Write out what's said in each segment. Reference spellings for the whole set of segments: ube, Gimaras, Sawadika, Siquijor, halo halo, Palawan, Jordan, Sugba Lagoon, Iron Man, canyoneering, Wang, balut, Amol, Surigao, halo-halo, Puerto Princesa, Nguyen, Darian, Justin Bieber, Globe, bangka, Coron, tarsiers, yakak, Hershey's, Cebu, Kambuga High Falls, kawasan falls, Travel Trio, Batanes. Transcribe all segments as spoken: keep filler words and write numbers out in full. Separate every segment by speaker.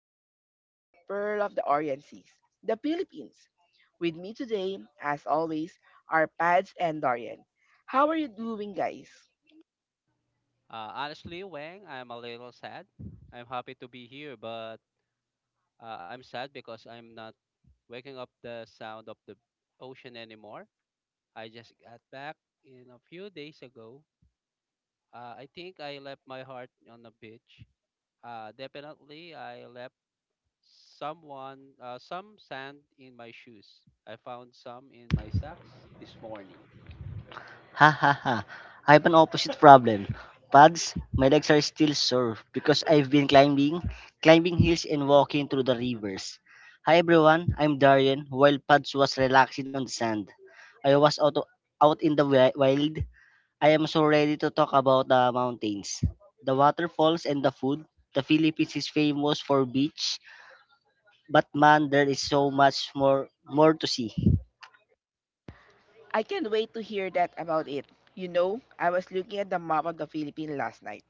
Speaker 1: are talking about the pearl of the Orient Seas, the Philippines. With me today, as always, are Pads and Dorian. How are you doing, guys?
Speaker 2: Uh, honestly, Wang, I'm a little sad. I'm happy to be here, but uh, I'm sad because I'm not waking up the sound of the ocean anymore. I just got back in a few days ago. Uh, I think I left my heart on the beach. Uh, definitely, I left someone uh, some sand in my shoes. I found some in my socks this morning.
Speaker 3: Ha ha ha. I have an opposite problem. Pads, my legs are still sore because I've been climbing, climbing hills and walking through the rivers. Hi everyone, I'm Darian. While Pads was relaxing on the sand, I was out, out in the wi- wild. I am so ready to talk about the mountains, the waterfalls, and the food. The Philippines is famous for beach, but man, there is so much more more to see.
Speaker 1: I can't wait to hear that about it. You know, I was looking at the map of the Philippines last night,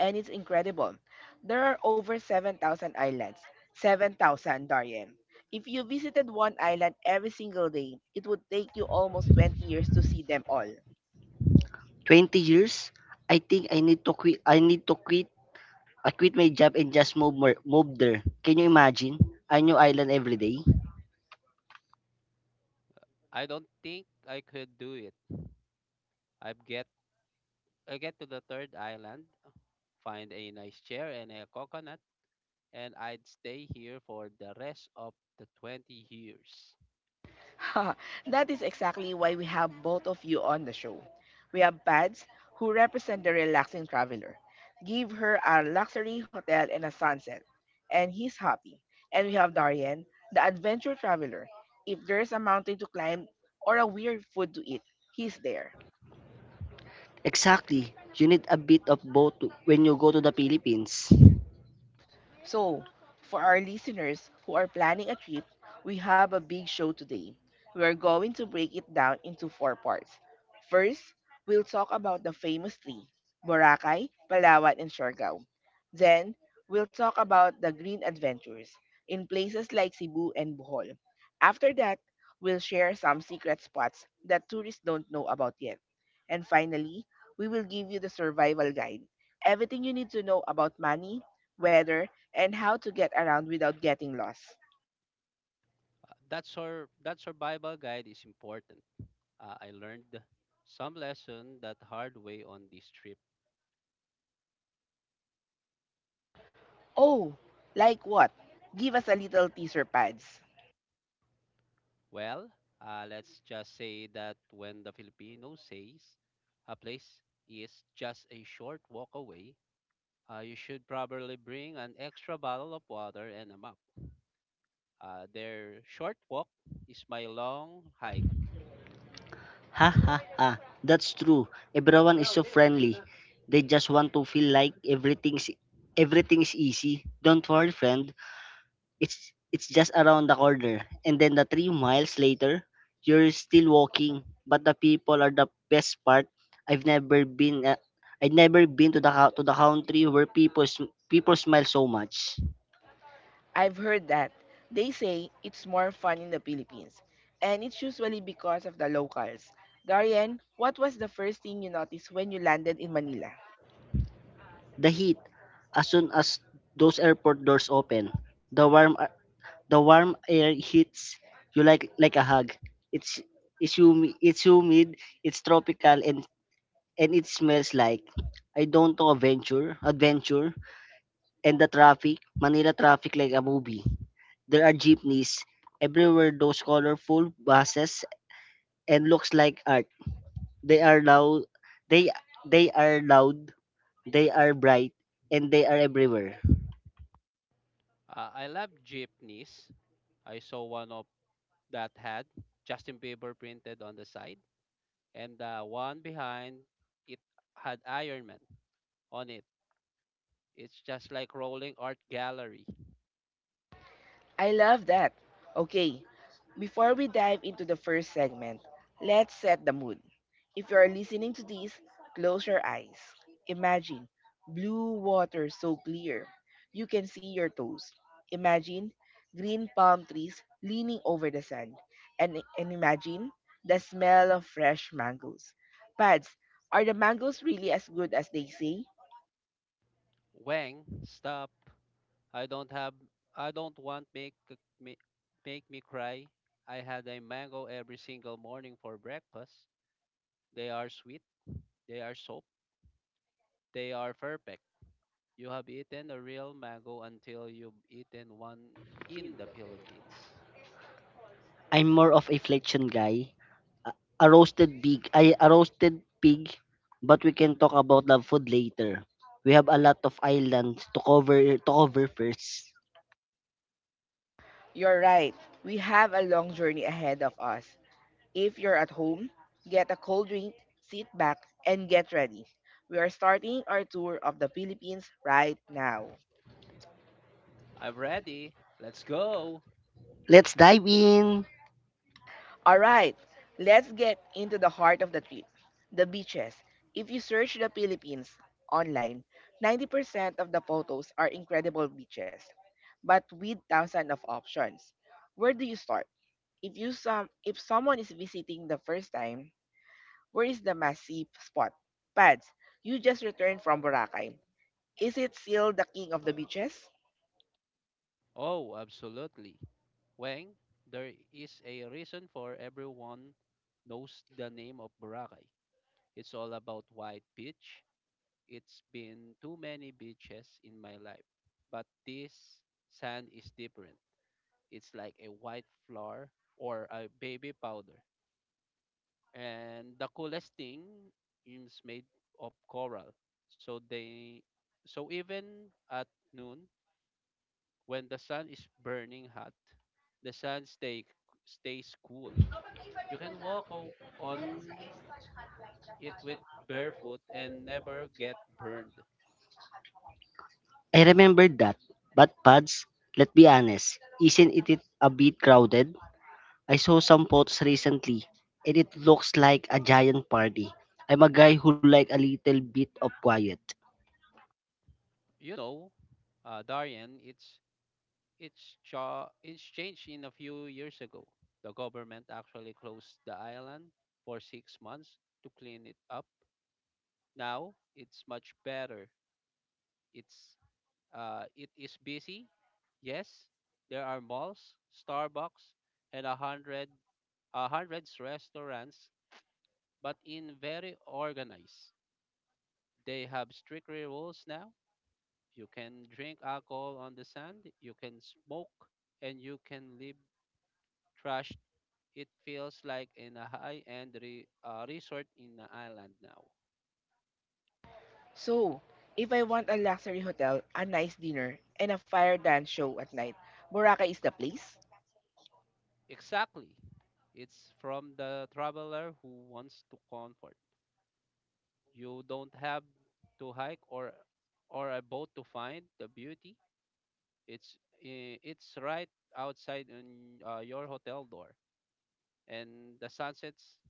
Speaker 1: and it's incredible. There are over seven thousand islands. seven thousand, Darian. If you visited one island every single day, it would take you almost twenty years to see them all.
Speaker 3: twenty years? I think I need to quit. I need to quit I quit my job and just moved, mer- moved there. Can you imagine? A new island every day?
Speaker 2: I don't think I could do it. I get I get to the third island, find a nice chair and a coconut, and I'd stay here for the rest of the twenty years.
Speaker 1: That is exactly why we have both of you on the show. We have Pads, who represent the relaxing traveler. Give her a luxury hotel and a sunset, and he's happy. And we have Darian, the adventure traveler. If there's a mountain to climb or a weird food to eat, he's there.
Speaker 3: Exactly. You need a bit of both to- when you go to the Philippines.
Speaker 1: So, for our listeners who are planning a trip, we have a big show today. We are going to break it down into four parts. First, we'll talk about the famous three: Boracay, Palawan, and Siargao. Then, we'll talk about the green adventures in places like Cebu and Bohol. After that, we'll share some secret spots that tourists don't know about yet. And finally, we will give you the survival guide: everything you need to know about money, weather, and how to get around without getting lost.
Speaker 2: Uh, that, sur- that survival guide is important. Uh, I learned some lesson that hard way on this trip.
Speaker 1: Oh, like what? Give us a little teaser, pads.
Speaker 2: Well, uh, let's just say that when the Filipino says a place is just a short walk away, uh, you should probably bring an extra bottle of water and a map. Uh, their short walk is my long hike.
Speaker 3: Ha ha ha. That's true. Everyone is so friendly. They just want to feel like everything's everything's easy. Don't worry, friend. It's it's just around the corner. And then the three miles later, you're still walking. But the people are the best part. I've never been uh, I've never been to the cou- to the country where people sm- people smile so much.
Speaker 1: I've heard that they say it's more fun in the Philippines, and it's usually because of the locals. Darian, what was the first thing you noticed when you landed in Manila?
Speaker 3: The heat, as soon as those airport doors open, the warm a- the warm air hits you like like a hug. It's it's humid, it's humid, it's tropical and and it smells like I don't know adventure, adventure, And the traffic, Manila traffic like a movie. There are jeepneys everywhere, those colorful buses and looks like art. They are loud, they they are loud, they are bright, and they are everywhere.
Speaker 2: Uh, I love jeepneys. I saw one of that had Justin Bieber printed on the side, and the one behind it had Iron Man on it. It's just like rolling art gallery.
Speaker 1: I love that. Okay, before we dive into the first segment, let's set the mood. If you are listening to this, close your eyes. Imagine blue water so clear you can see your toes. Imagine green palm trees leaning over the sand. And, and imagine the smell of fresh mangoes. Pads, are the mangoes really as good as they say?
Speaker 2: Wang, stop! I don't have. I don't want make me make me cry. I had a mango every single morning for breakfast. They are sweet. They are soap. They are perfect. You have eaten a real mango until you've eaten one in the Philippines.
Speaker 3: I'm more of a flexion guy. A roasted pig, I a roasted pig, but we can talk about the food later. We have a lot of islands to cover to cover first.
Speaker 1: You're right. We have a long journey ahead of us. If you're at home, get a cold drink, sit back, and get ready. We are starting our tour of the Philippines right now.
Speaker 2: I'm ready. Let's go.
Speaker 3: Let's dive in.
Speaker 1: Alright, let's get into the heart of the trip: the beaches. If you search the Philippines online, ninety percent of the photos are incredible beaches, but with thousands of options. Where do you start? If you some if someone is visiting the first time, where is the must-see spot? Pads, you just returned from Boracay. Is it still the king of the beaches?
Speaker 2: Oh, absolutely. Wang, there is a reason for everyone knows the name of Boracay. It's all about white beach. It's been too many beaches in my life. But this sand is different. It's like a white flour or a baby powder. And the coolest thing is made of coral, so they so even at noon when the sun is burning hot, the sun stay stays cool. You can walk o- on it with barefoot and never get burned.
Speaker 3: I remembered that. But Pads, let's be honest, isn't it a bit crowded? I saw some photos recently, and it looks like a giant party. I'm a guy who like a little bit of quiet.
Speaker 2: You know, uh, Darian, it's it's cha- it's changed in a few years ago. The government actually closed the island for six months to clean it up. Now it's much better. It's uh, it is busy. Yes, there are malls, Starbucks, and a hundred uh, hundreds restaurants, but in very organized. They have strict rules now. You can drink alcohol on the sand, you can smoke, and you can leave trash. It feels like in a high-end re- uh, resort in the island now.
Speaker 1: So, if I want a luxury hotel, a nice dinner, and a fire dance show at night, Boracay is the place.
Speaker 2: Exactly. It's from the traveler who wants to comfort. You don't have to hike or or a boat to find the beauty. It's i- it's right outside in uh, your hotel door, and the sun sets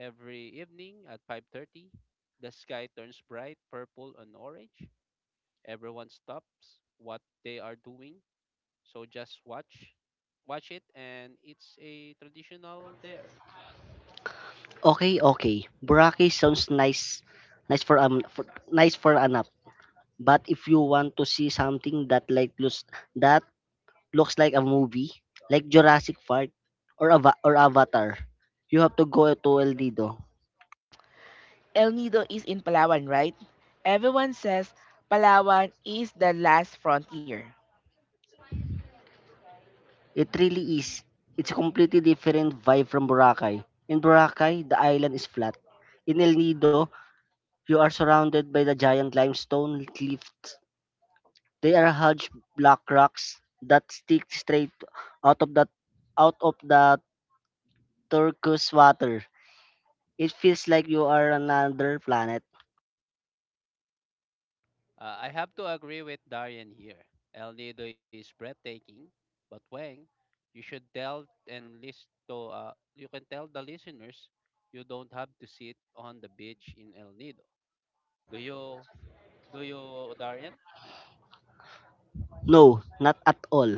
Speaker 2: every evening at five thirty. The sky turns bright purple and orange. Everyone stops what they are doing, so just watch watch it, and it's a traditional there.
Speaker 3: Okay, okay. Boracay sounds nice, nice for um, for, nice for an app. But if you want to see something that like looks that looks like a movie, like Jurassic Park or Ava- or Avatar, you have to go to El Nido.
Speaker 1: El Nido is in Palawan, right? Everyone says Palawan is the last frontier.
Speaker 3: It really is. It's a completely different vibe from Boracay. In Boracay, the island is flat. In El Nido, you are surrounded by the giant limestone cliffs. They are huge black rocks that stick straight out of the out of the turquoise water. It feels like you are another planet.
Speaker 2: Uh, I have to agree with Darian here. El Nido is breathtaking, but Wang, you should tell and list to uh, you can tell the listeners you don't have to sit on the beach in El Nido. Do you do you Darian?
Speaker 3: No, not at all.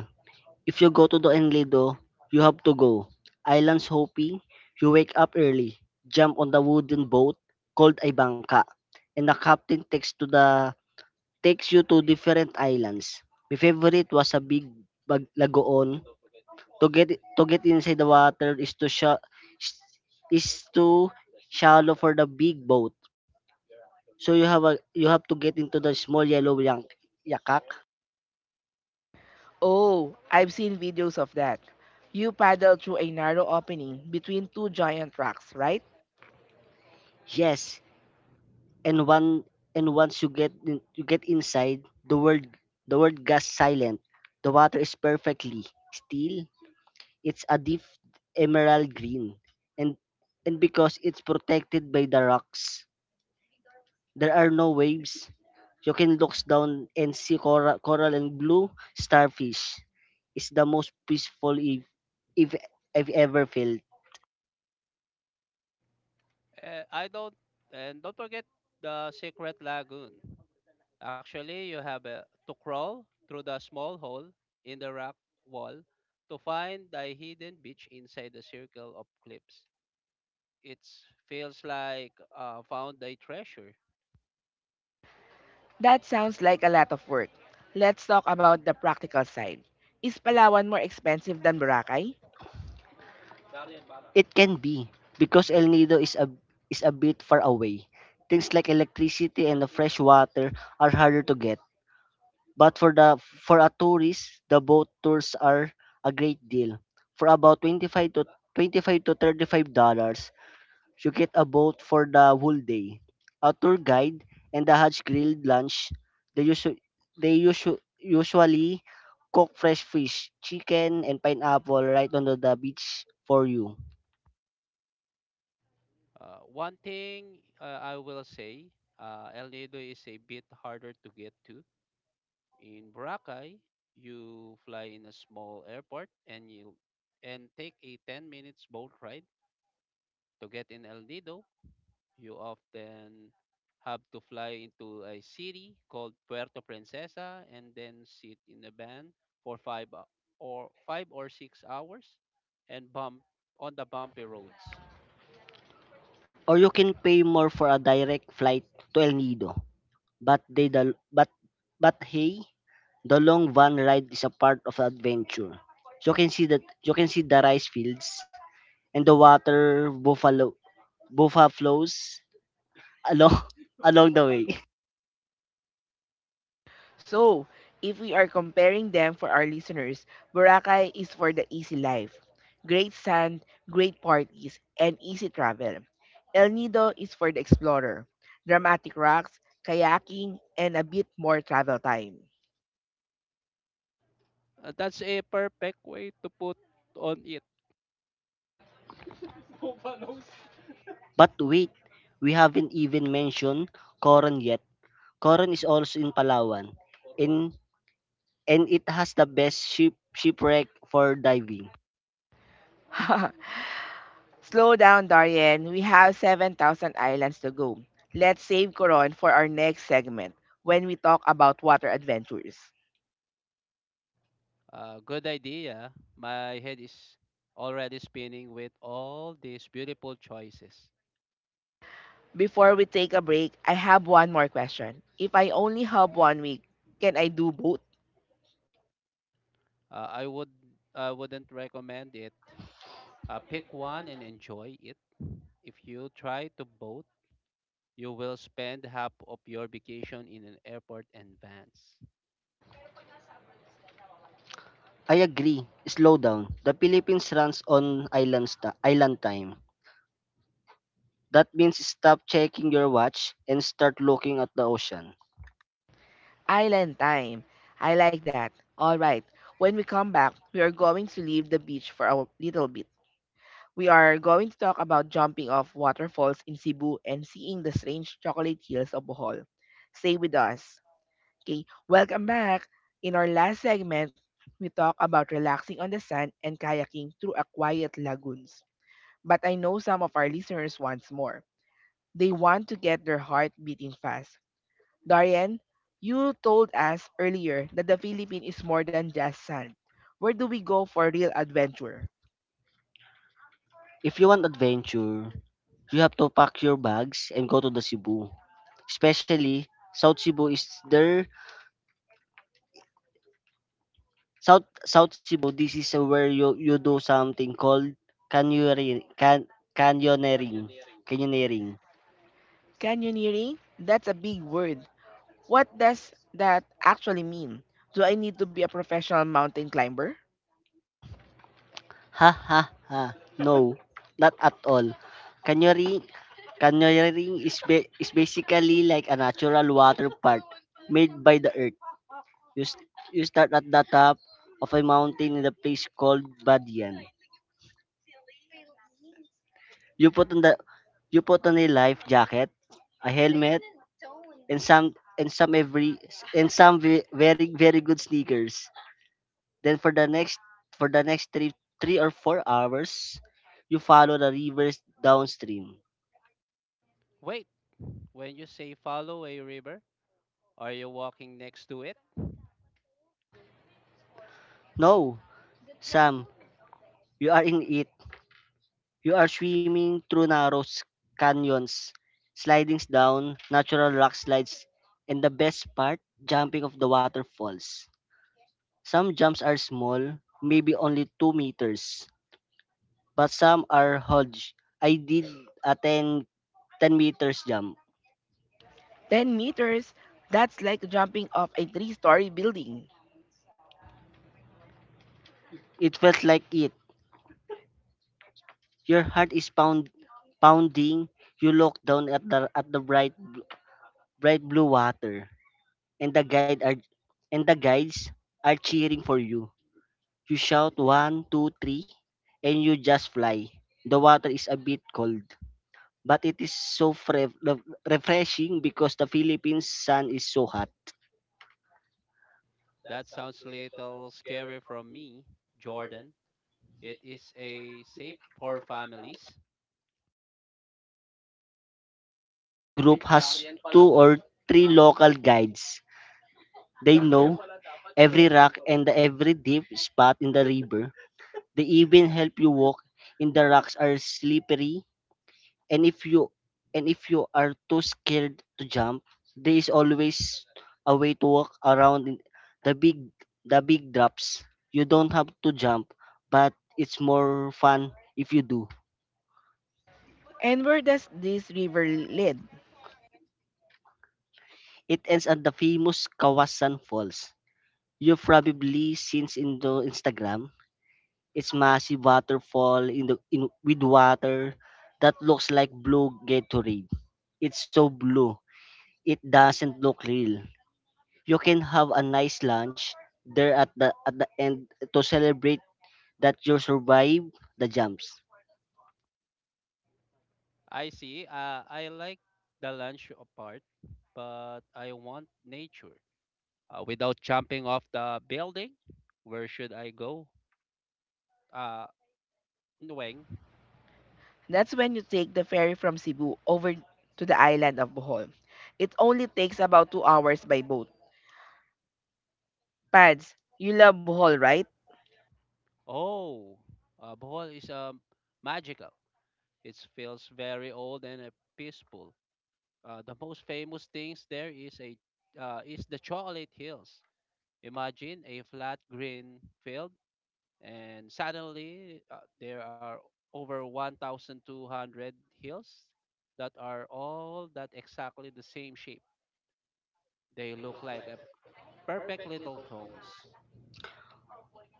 Speaker 3: If you go to the Enlido, you have to go. Islands hopping, you wake up early, jump on the wooden boat called a bangka, and the captain takes to the takes you to different islands. My favorite was a big bag lagoon. To get to get inside the water is too sha- is too shallow for the big boat. So you have a you have to get into the small yellow yank, yakak.
Speaker 1: Oh, I've seen videos of that. You paddle through a narrow opening between two giant rocks, right?
Speaker 3: Yes, and one and once you get in, you get inside the world the world goes silent. The water is perfectly still. It's a deep emerald green, and and because it's protected by the rocks, there are no waves. You can look down and see coral, coral and blue starfish. It's the most peaceful if if I've ever felt.
Speaker 2: Uh, I don't and don't forget the secret lagoon. Actually, you have uh, to crawl through the small hole in the rock wall to find the hidden beach inside the circle of cliffs. It feels like uh, found a treasure.
Speaker 1: That sounds like a lot of work. Let's talk about the practical side. Is Palawan more expensive than Boracay?
Speaker 3: It can be because El Nido is a is a bit far away. Things like electricity and the fresh water are harder to get. But for the for a tourist, the boat tours are a great deal. For about twenty-five to twenty-five to thirty-five dollars, you get a boat for the whole day. A tour guide and a Hajj grilled lunch. They usu- they usu- usually cook fresh fish, chicken and pineapple right on the the beach for you.
Speaker 2: Uh, one thing, uh, I will say, uh, El Nido is a bit harder to get to. In Boracay, you fly in a small airport and you and take a ten minutes boat ride to get in El Nido. You often have to fly into a city called Puerto Princesa and then sit in a van for five hou- or five or six hours and bump on the bumpy roads.
Speaker 3: Or you can pay more for a direct flight to El Nido. But they the but but hey, the long van ride is a part of the adventure. So you can see that you can see the rice fields and the water buffalo buffa flows along along the way.
Speaker 1: So, if we are comparing them for our listeners, Boracay is for the easy life. Great sand, great parties, and easy travel. El Nido is for the explorer. Dramatic rocks, kayaking, and a bit more travel time.
Speaker 2: Uh, that's a perfect way to put on it.
Speaker 3: But wait, we haven't even mentioned Coron yet. Coron is also in Palawan, and and it has the best ship shipwreck for diving.
Speaker 1: Slow down, Darian. We have seven thousand islands to go. Let's save Coron for our next segment when we talk about water adventures.
Speaker 2: Uh, good idea. My head is already spinning with all these beautiful choices.
Speaker 1: Before we take a break, I have one more question. If I only have one week, can I do both?
Speaker 2: Uh, I would I wouldn't recommend it. Uh, pick one and enjoy it. If you try to both, you will spend half of your vacation in an airport and vans.
Speaker 3: I agree. Slow down. The Philippines runs on island, sta- island time. That means stop checking your watch and start looking at the ocean.
Speaker 1: Island time. I like that. All right. When we come back, we are going to leave the beach for a little bit. We are going to talk about jumping off waterfalls in Cebu and seeing the strange chocolate hills of Bohol. Stay with us. Okay, welcome back. In our last segment, we talk about relaxing on the sand and kayaking through a quiet lagoons. But I know some of our listeners wants more. They want to get their heart beating fast. Darian, you told us earlier that the Philippines is more than just sand. Where do we go for real adventure?
Speaker 3: If you want adventure, you have to pack your bags and go to the Cebu. Especially South Cebu is there. South South Cebu. This is where you you do something called canyoneering. Can canyoneering. canyoneering.
Speaker 1: Canyoneering? That's a big word. What does that actually mean? Do I need to be a professional mountain climber?
Speaker 3: Ha ha ha. No, not at all. Canyoning, canyoning is, ba- is basically like a natural water park made by the earth. You, st- you start at the top of a mountain in a place called Badian. You put on the you put on a life jacket, a helmet, and some and some every and some ve- very very good sneakers. Then for the next for the next three three or four hours, you follow the rivers downstream.
Speaker 2: Wait, when you say follow a river, are you walking next to it?
Speaker 3: No, Sam, you are in it. You are swimming through narrow s- canyons, slidings down, natural rock slides, and the best part, jumping off the waterfalls. Some jumps are small, maybe only two meters, but some are huge. I did a ten ten meters jump.
Speaker 1: Ten meters, that's like jumping off a three story building.
Speaker 3: It felt like it. Your heart is pound, pounding. You look down at the, at the bright, bright blue water, and the guide are and the guides are cheering for you. You shout one, two, three, and you just fly. The water is a bit cold, but it is so fre- re- refreshing because the Philippines sun is so hot.
Speaker 2: That sounds little scary from me, Jordan. It is a safe for families.
Speaker 3: Every group has two or three local guides. They know every rock and every deep spot in the river. They even help you walk in the rocks are slippery, and if you and if you are too scared to jump, there is always a way to walk around in the big the big drops. You don't have to jump, but it's more fun if you do.
Speaker 1: And where does this river lead?
Speaker 3: It ends at the famous Kawasan Falls. You've probably seen in the Instagram. It's massive waterfall in the in with water that looks like blue Gatorade. It's so blue it doesn't look real. You can have a nice lunch there at the at the end to celebrate that you survived the jumps.
Speaker 2: I see. Uh, I like the lunch apart, but I want nature. Uh, without jumping off the building, where should I go? Uh, Nguyen.
Speaker 1: That's when you take the ferry from Cebu over to the island of Bohol. It only takes about two hours by boat. Pads, you love Bohol, right?
Speaker 2: Oh, uh, Bohol is um, magical. It feels very old and uh, peaceful. Uh, the most famous things there is a uh, is the Chocolate Hills. Imagine a flat green field, and suddenly uh, there are over one thousand two hundred hills that are all that exactly the same shape. They look like a perfect little cones.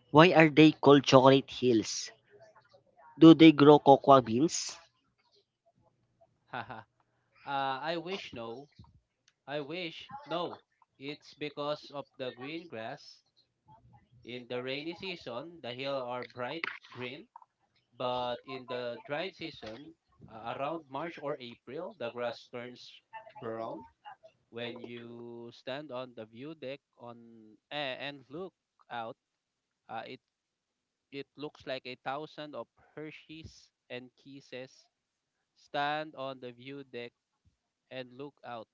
Speaker 3: Why are they called chocolate hills? Do they grow cocoa beans?
Speaker 2: Haha. uh, I wish no. I wish no. It's because of the green grass. In the rainy season, the hills are bright green, but in the dry season, uh, around March or April, the grass turns brown. When you stand on the view deck on eh, and look out, uh, it it looks like a thousand of Hershey's and Kisses, stand on the view deck and look out.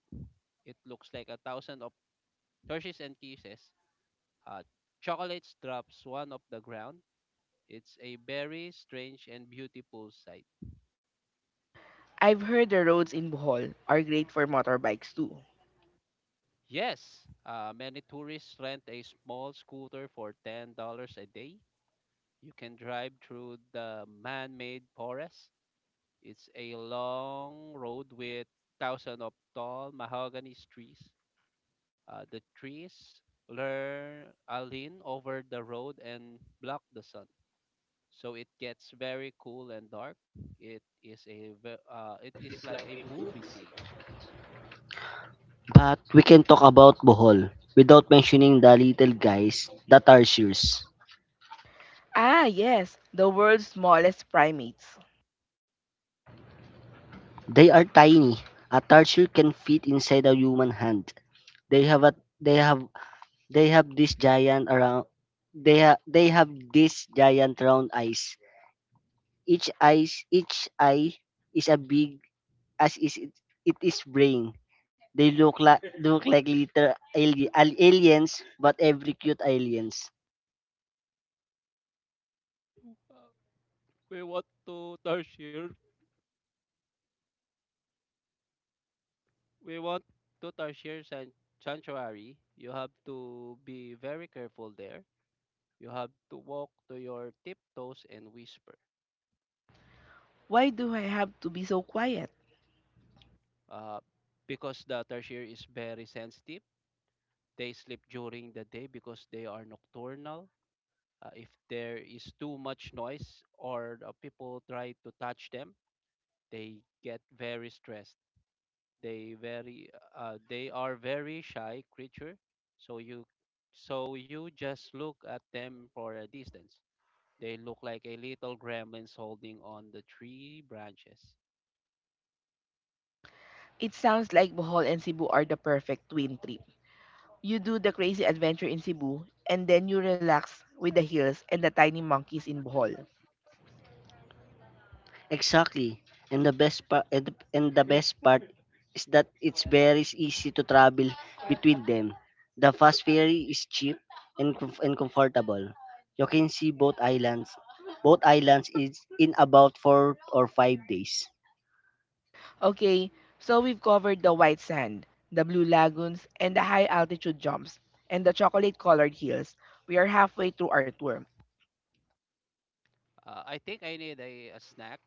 Speaker 2: It looks like a thousand of Hershey's and Kisses. Uh, Chocolates drops one of the ground. It's a very strange and beautiful sight.
Speaker 1: I've heard the roads in Bohol are great for motorbikes too.
Speaker 2: Yes, uh, many tourists rent a small scooter for ten dollars a day. You can drive through the man made forest. It's a long road with thousands of tall mahogany trees. Uh, the trees learn, uh, lean over the road and block the sun. So it gets very cool and dark. It is a ve- uh, it is like a movie scene.
Speaker 3: But we can talk about Bohol without mentioning the little guys, the tarsiers.
Speaker 1: Ah, yes, the world's smallest primates.
Speaker 3: They are tiny. A tarsier can fit inside a human hand. They have a they have they have this giant around they ha- They have this giant round eyes. Each eye, each eye is a big as is it, it is brain. They look like Look like little ali- al- aliens, but every cute aliens.
Speaker 2: Uh, We want to Tarsier. We want to Tarsier san- Sanctuary. You have to be very careful there. You have to walk to your tiptoes and whisper.
Speaker 1: Why do I have to be so quiet?
Speaker 2: Uh, because the Tarsier is very sensitive, they sleep during the day because they are nocturnal. Uh, if there is too much noise or the people try to touch them, they get very stressed. They very uh, they are very shy creature. So you so you just look at them for a distance. They look like a little gremlins holding on the tree branches.
Speaker 1: It sounds like Bohol and Cebu are the perfect twin trip. You do the crazy adventure in Cebu, and then you relax with the hills and the tiny monkeys in Bohol.
Speaker 3: Exactly. And the best part and, the- and the best part is that it's very easy to travel between them. The fast ferry is cheap and comf- and comfortable. You can see both islands. Both islands is in about four or five days.
Speaker 1: Okay, so we've covered the white sand, the blue lagoons, and the high altitude jumps, and the chocolate colored hills. We are halfway through our tour.
Speaker 2: Uh, I think I need a, a snack.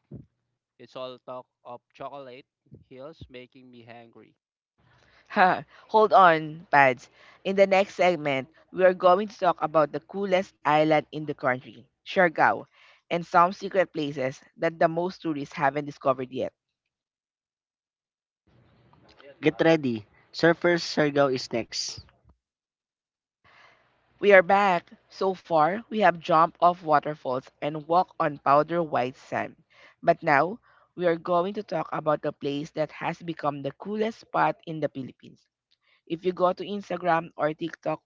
Speaker 2: It's all talk of chocolate hills making me hungry.
Speaker 1: Ha, hold on, Pads. In the next segment, we are going to talk about the coolest island in the country, Siargao, and some secret places that the most tourists haven't discovered yet.
Speaker 3: Get ready. Surfer Surigao is next.
Speaker 1: We are back. So far, we have jumped off waterfalls and walked on powder white sand. But now, we are going to talk about the place that has become the coolest spot in the Philippines. If you go to Instagram or TikTok,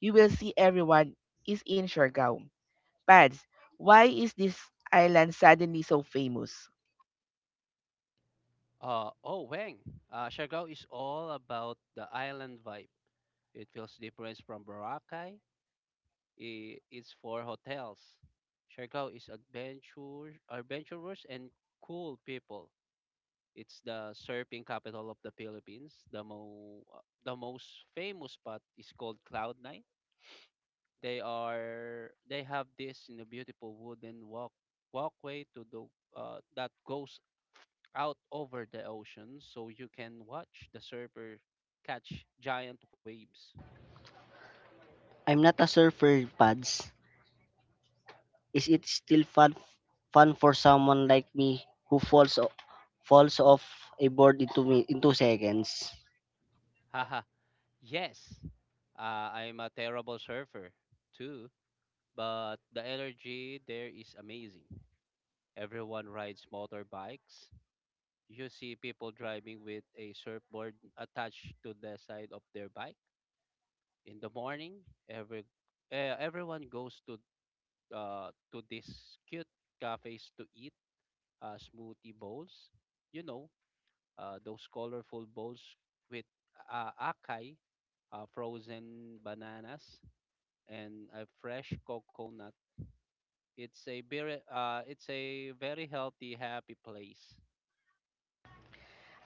Speaker 1: you will see everyone is in Siargao. Pads, why is this island suddenly so famous?
Speaker 2: Uh, oh, Wang, uh, Siargao is all about the island vibe. It feels different from Boracay. I- is for hotels. Siargao is adventure, adventurous and cool people. It's the surfing capital of the Philippines. The mo, uh, the most famous spot is called Cloud Nine. They are they have this in a beautiful wooden walk walkway to the uh, that goes out over the ocean, so you can watch the surfer catch giant waves.
Speaker 3: I'm not a surfer, Pads. Is it still fun fun for someone like me who falls o- falls off a board into me in two seconds?
Speaker 2: Haha. Yes, uh, I'm a terrible surfer too. But the energy there is amazing. Everyone rides motorbikes. You see people driving with a surfboard attached to the side of their bike. In the morning, every eh, everyone goes to uh, to these cute cafes to eat uh, smoothie bowls. You know, uh, those colorful bowls with uh, acai, uh, frozen bananas, and a fresh coconut. It's a very uh, it's a very healthy, happy place.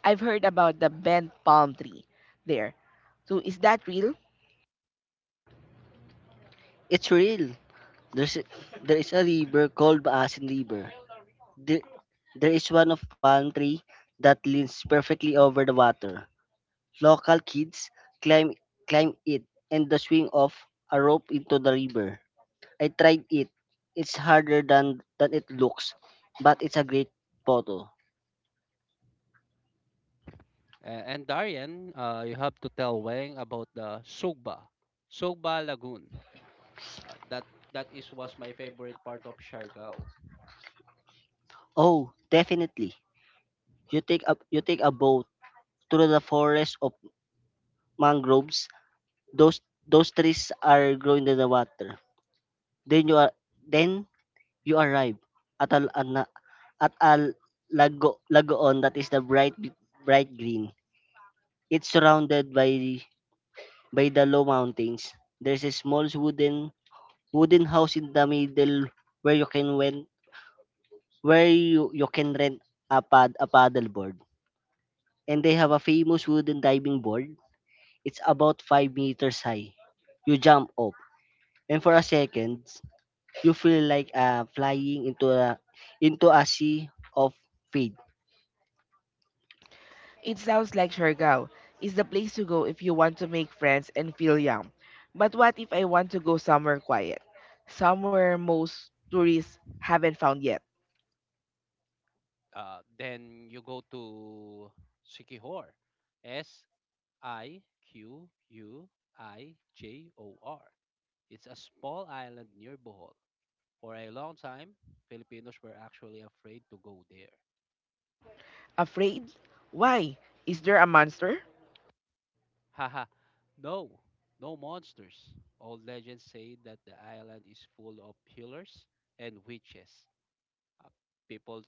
Speaker 1: I've heard about the bent palm tree there. So is that real?
Speaker 3: It's real. There's a- there is a river called Baasin River. There, there is one of palm tree that leans perfectly over the water. Local kids climb climb it and the swing off a rope into the river. I tried it. It's harder than than it looks, but it's a great photo.
Speaker 2: A- And Darian, uh, you have to tell Wang about the Sugba, Sugba Lagoon. Uh, that that is was my favorite part of Siargao.
Speaker 3: Oh, definitely. You take a you take a boat through the forest of mangroves. Those those trees are growing in the water. Then you are then you arrive at a an- at a lago lagoon that is the bright bright green. It's surrounded by by the low mountains. There's a small wooden wooden house in the middle where you can rent where you, you can rent a pad a paddleboard. And they have a famous wooden diving board. It's about five meters high. You jump off, and for a second, you feel like uh, flying into a into a sea of feed.
Speaker 1: It sounds like Siargao is the place to go if you want to make friends and feel young. But what if I want to go somewhere quiet? Somewhere most tourists haven't found yet.
Speaker 2: Uh, then you go to Sikihor, S I Q U I J O R. It's a small island near Bohol. For a long time, Filipinos were actually afraid to go there.
Speaker 1: Afraid? Why? Is there a monster?
Speaker 2: Haha, no, no monsters. Old legends say that the island is full of healers and witches. Uh, People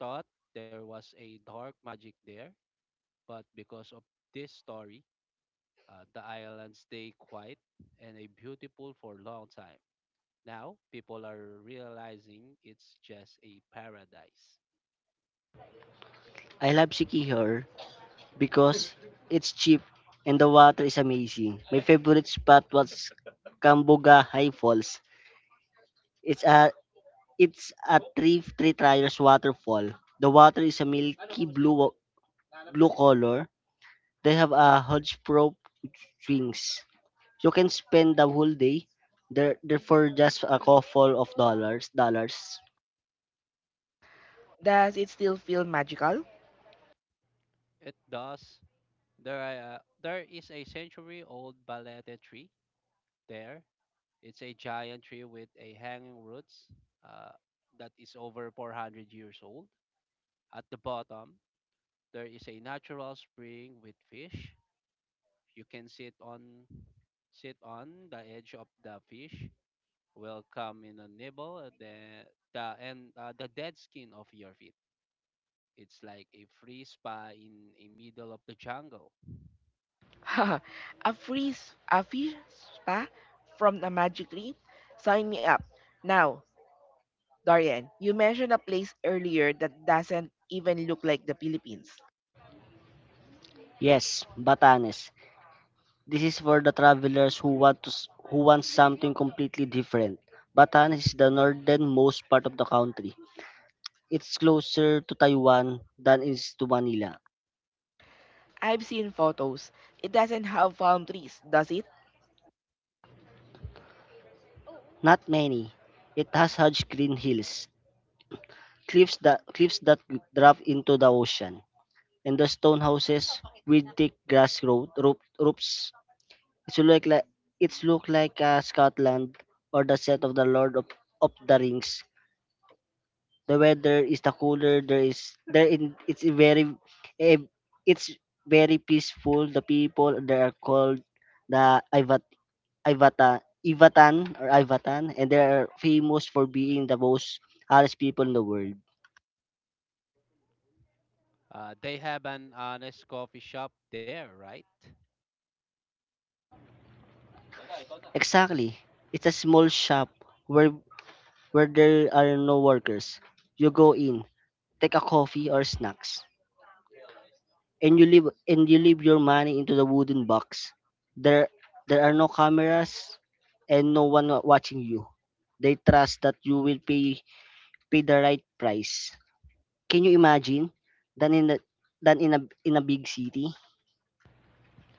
Speaker 2: thought there was a dark magic there, but because of this story, uh, the island stayed quiet and a beautiful for a long time. Now, people are realizing it's just a paradise.
Speaker 3: I love Siki here because it's cheap and the water is amazing. My favorite spot was Kambuga High Falls. It's a it's a three three tiers waterfall. The water is a milky blue blue color. They have a hodgepodge swings. You can spend the whole day there, there for just a couple of dollars dollars.
Speaker 1: Does it still feel magical?
Speaker 2: It does. There, are, there is a century-old balete tree there. It's a giant tree with a hanging roots uh, that is over four hundred years old. At the bottom, there is a natural spring with fish. You can sit on sit on the edge of the fish. Will come in a nibble at the the and uh, the dead skin of your feet. It's like a free spa in the middle of the jungle.
Speaker 1: A free s- a free spa from the magic tree? Sign me up. Now, Darian, you mentioned a place earlier that doesn't even look like the Philippines.
Speaker 3: Yes, Batanes. This is for the travelers who want to s- who want something completely different. Batanes is the northernmost part of the country. It's closer to Taiwan than is to Manila.
Speaker 1: I've seen photos. It doesn't have palm trees, does it?
Speaker 3: Not many. It has huge green hills, cliffs that cliffs that drop into the ocean, and the stone houses with thick grass ro- rope, roofs. It's look like it's look like uh, Scotland or the set of the Lord of, of the Rings. The weather is the cooler. There is there in It's very eh, it's very peaceful. The people they are called the Ivat Ivata Ivatan or Ivatan, and they are famous for being the most honest people in the world.
Speaker 2: Uh, they have an honest coffee shop there, right?
Speaker 3: Exactly, it's a small shop where where there are no workers. You go in, take a coffee or snacks, and you leave and you leave your money into the wooden box. There there are no cameras and no one wa- watching you. They trust that you will pay pay the right price. Can you imagine than in the, than in a in a big city?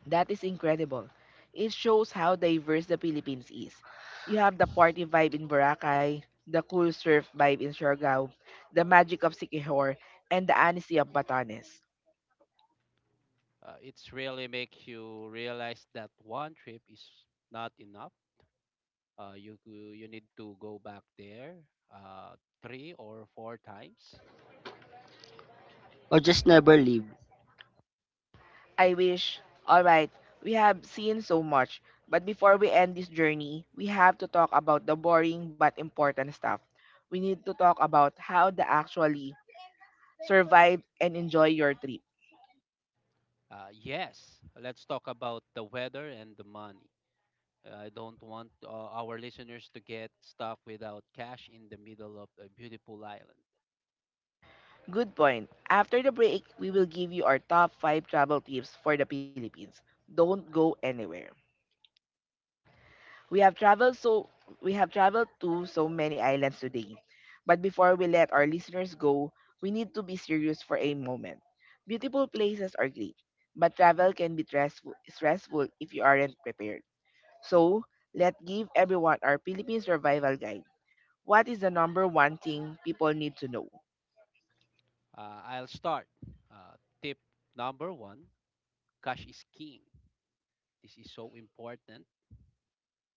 Speaker 1: That is incredible. It shows how diverse the Philippines is. You have the party vibe in Boracay, the cool surf vibe in Siargao, the magic of Siquijor, and the honesty of Batanes.
Speaker 2: Uh, it's really make you realize that one trip is not enough. Uh, you go- you need to go back there uh, three or four times.
Speaker 3: Or just never leave?
Speaker 1: I wish. Alright, we have seen so much, but before we end this journey, we have to talk about the boring but important stuff. We need to talk about how to actually survive and enjoy your trip.
Speaker 2: Uh, yes, let's talk about the weather and the money. I don't want uh, our listeners to get stuck without cash in the middle of a beautiful island.
Speaker 1: Good point. After the break, we will give you our top five travel tips for the Philippines. Don't go anywhere. We have traveled so we have traveled to so many islands today. But before we let our listeners go, we need to be serious for a moment. Beautiful places are great, but travel can be stressful, stressful if you aren't prepared. So, let's give everyone our Philippine survival guide. What is the number one thing people need to know?
Speaker 2: Uh, I'll start. Uh, Tip number one, cash is king. This is so important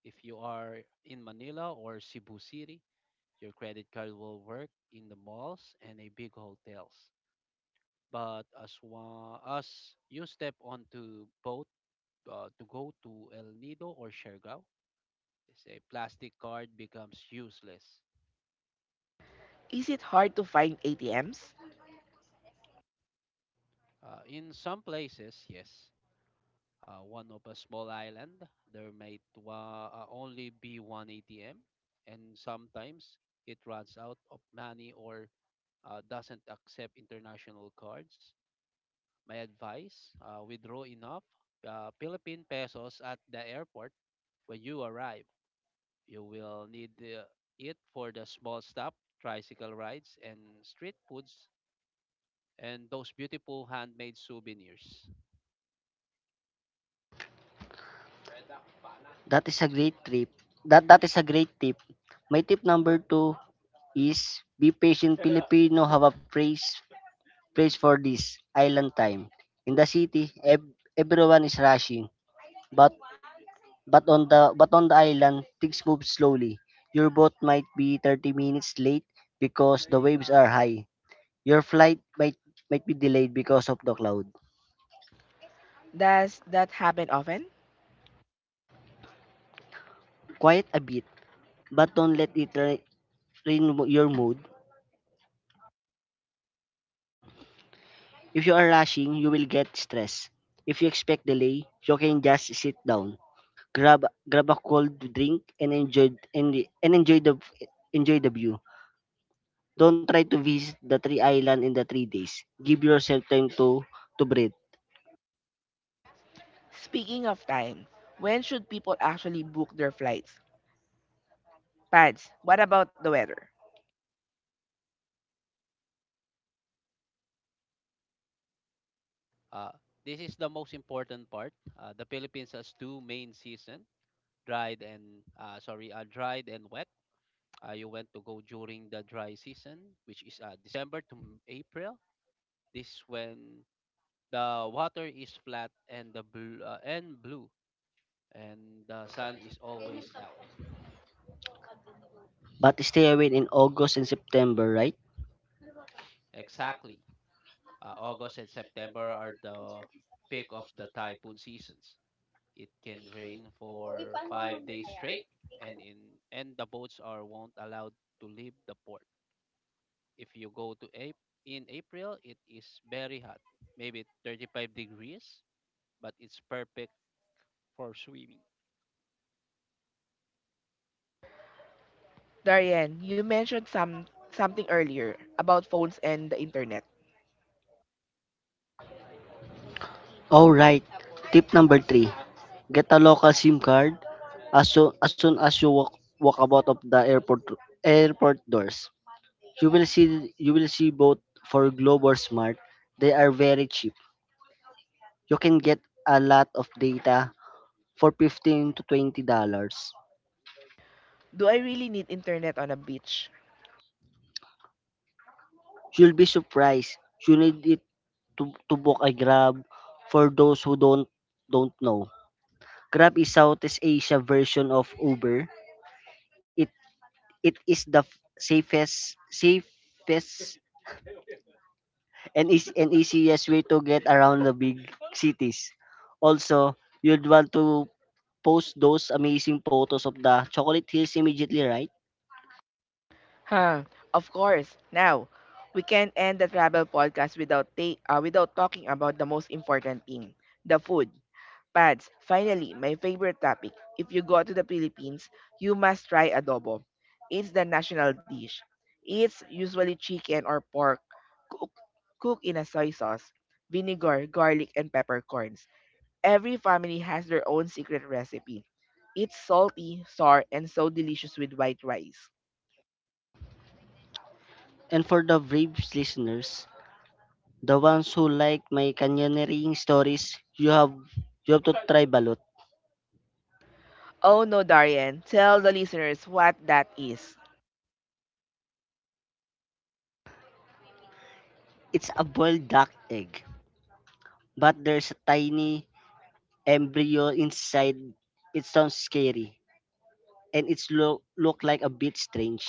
Speaker 2: if you are in Manila or Cebu City. Your credit card will work in the malls and a big hotels. But as one, as you step onto boat uh, to go to El Nido or Siargao, it's a plastic card becomes useless.
Speaker 1: Is it hard to find A T Ms?
Speaker 2: Uh, in some places, yes, uh, one of a small island, there might wa- uh, only be one A T M, and sometimes it runs out of money or uh, doesn't accept international cards. My advice, uh, withdraw enough uh, Philippine pesos at the airport when you arrive. You will need uh, it for the small stop, tricycle rides, and street foods, and those beautiful handmade souvenirs.
Speaker 3: That is a great trip. That that is a great tip. My tip number two is be patient. Filipino have a praise praise for this island time. In the city, ev- everyone is rushing, but But on the but on the island, things move slowly. Your boat might be thirty minutes late because the waves are high. Your flight might might be delayed because of the cloud.
Speaker 1: Does that happen often?
Speaker 3: Quiet a bit, but don't let it ra- ruin mo- your mood. If you are rushing, you will get stressed. If you expect delay, you can just sit down, grab grab a cold drink, and enjoy and, and enjoy the enjoy the view. Don't try to visit the three island in the three days. Give yourself time to to breathe.
Speaker 1: Speaking of time, when should people actually book their flights? Pads, what about the weather?
Speaker 2: Uh, this is the most important part. Uh, the Philippines has two main season, dried and uh, sorry, uh, dried and wet. Uh, you want to go during the dry season, which is uh, December to April. This is when the water is flat and the bl- uh, and blue, and the sun is always out.
Speaker 3: But stay away in August and September, right?
Speaker 2: Exactly. Uh, August and September are the peak of the typhoon seasons. It can rain for five days straight, and in and the boats are won't allowed to leave the port. If you go to April, In April, it is very hot, maybe thirty-five degrees, but it's perfect for swimming.
Speaker 1: Darian, you mentioned some something earlier about phones and the internet.
Speaker 3: All right. Tip number three. Get a local SIM card as soon as, soon as you walk, walk about of the airport airport doors. You will see you will see both for Globe or Smart. They are very cheap. You can get a lot of data for fifteen to twenty dollars.
Speaker 1: Do I really need internet on a beach?
Speaker 3: You'll be surprised. You need it to, to book a Grab. For those who don't don't know, Grab is Southeast Asia version of Uber. It it is the f- safest safest and is an easiest way to get around the big cities. Also, you'd want to post those amazing photos of the chocolate hills immediately, right?
Speaker 1: Huh, of course. Now, we can not end the travel podcast without ta- uh, without talking about the most important thing, the food. Pads, finally, my favorite topic. If you go to the Philippines, you must try adobo. It's the national dish. It's usually chicken or pork cooked cook cooked in a soy sauce, vinegar, garlic, and peppercorns. Every family has their own secret recipe. It's salty, sour, and so delicious with white rice.
Speaker 3: And for the brave listeners, the ones who like my canyoneering stories, you have you have to try balut.
Speaker 1: Oh no, Darian, tell the listeners what that is.
Speaker 3: It's a boiled duck egg, but there's a tiny embryo inside. It sounds scary, and it's look look like a bit strange.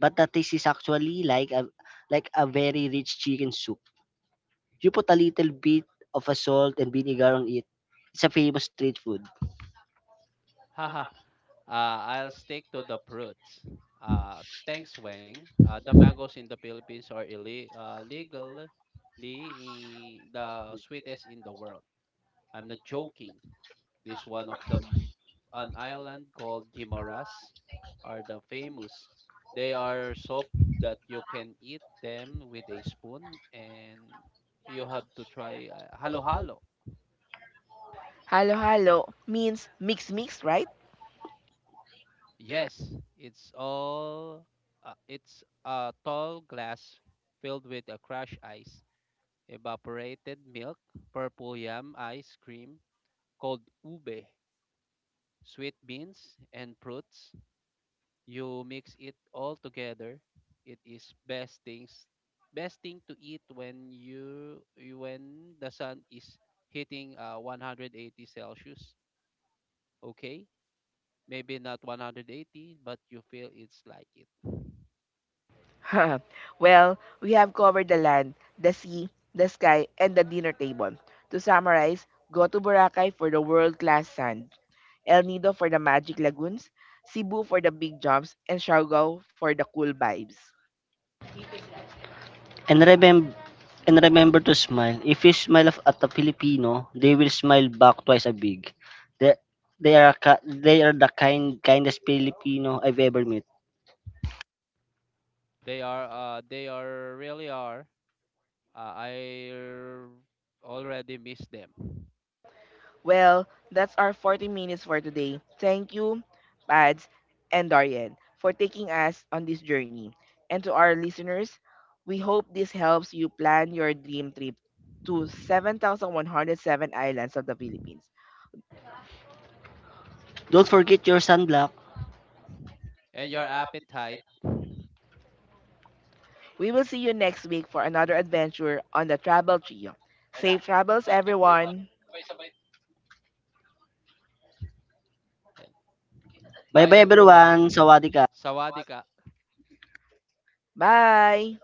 Speaker 3: But that taste is actually like a like a very rich chicken soup. You put a little bit of a salt and vinegar on it. It's a famous street food.
Speaker 2: Haha. Uh, I'll stick to the fruits. Uh, thanks, Wang. Uh, the mangoes in the Philippines are ille- uh, legally i- the sweetest in the world. I'm not joking. This one of the m- An island called Gimaras are the famous. They are so that you can eat them with a spoon and you have to try uh, halo-halo.
Speaker 1: Halo halo means mix mix, right?
Speaker 2: Yes, it's all. Uh, it's a tall glass filled with a crushed ice, evaporated milk, purple yam ice cream called ube, sweet beans, and fruits. You mix it all together. It is best things, best thing to eat when you you- when the sun is hitting uh, one hundred eighty Celsius. Okay, maybe not one hundred eighty, but you feel it's like it.
Speaker 1: Well, we have covered the land, the sea, the sky, and the dinner table. To summarize, go to Boracay for the world-class sand, El Nido for the magic lagoons, Cebu for the big jumps, and Siargao for the cool vibes.
Speaker 3: And remember and remember to smile. If you smile of- at a Filipino, they will smile back twice as big. They, they are ki- they are the kind kindest Filipino I've ever met.
Speaker 2: They are, uh, they are really are. Uh, I r- already miss them.
Speaker 1: Well, that's our forty minutes for today. Thank you, Pads and Darian, for taking us on this journey. And to our listeners, we hope this helps you plan your dream trip to seven thousand one hundred seven islands of the Philippines.
Speaker 3: Don't forget your sunblock.
Speaker 2: And your appetite.
Speaker 1: We will see you next week for another adventure on the Travel Trio. Safe travels, everyone!
Speaker 3: Bye
Speaker 2: Bye
Speaker 3: bye everyone.
Speaker 2: everyone.
Speaker 3: Sawadee ka.
Speaker 2: Sawadika.
Speaker 1: Bye!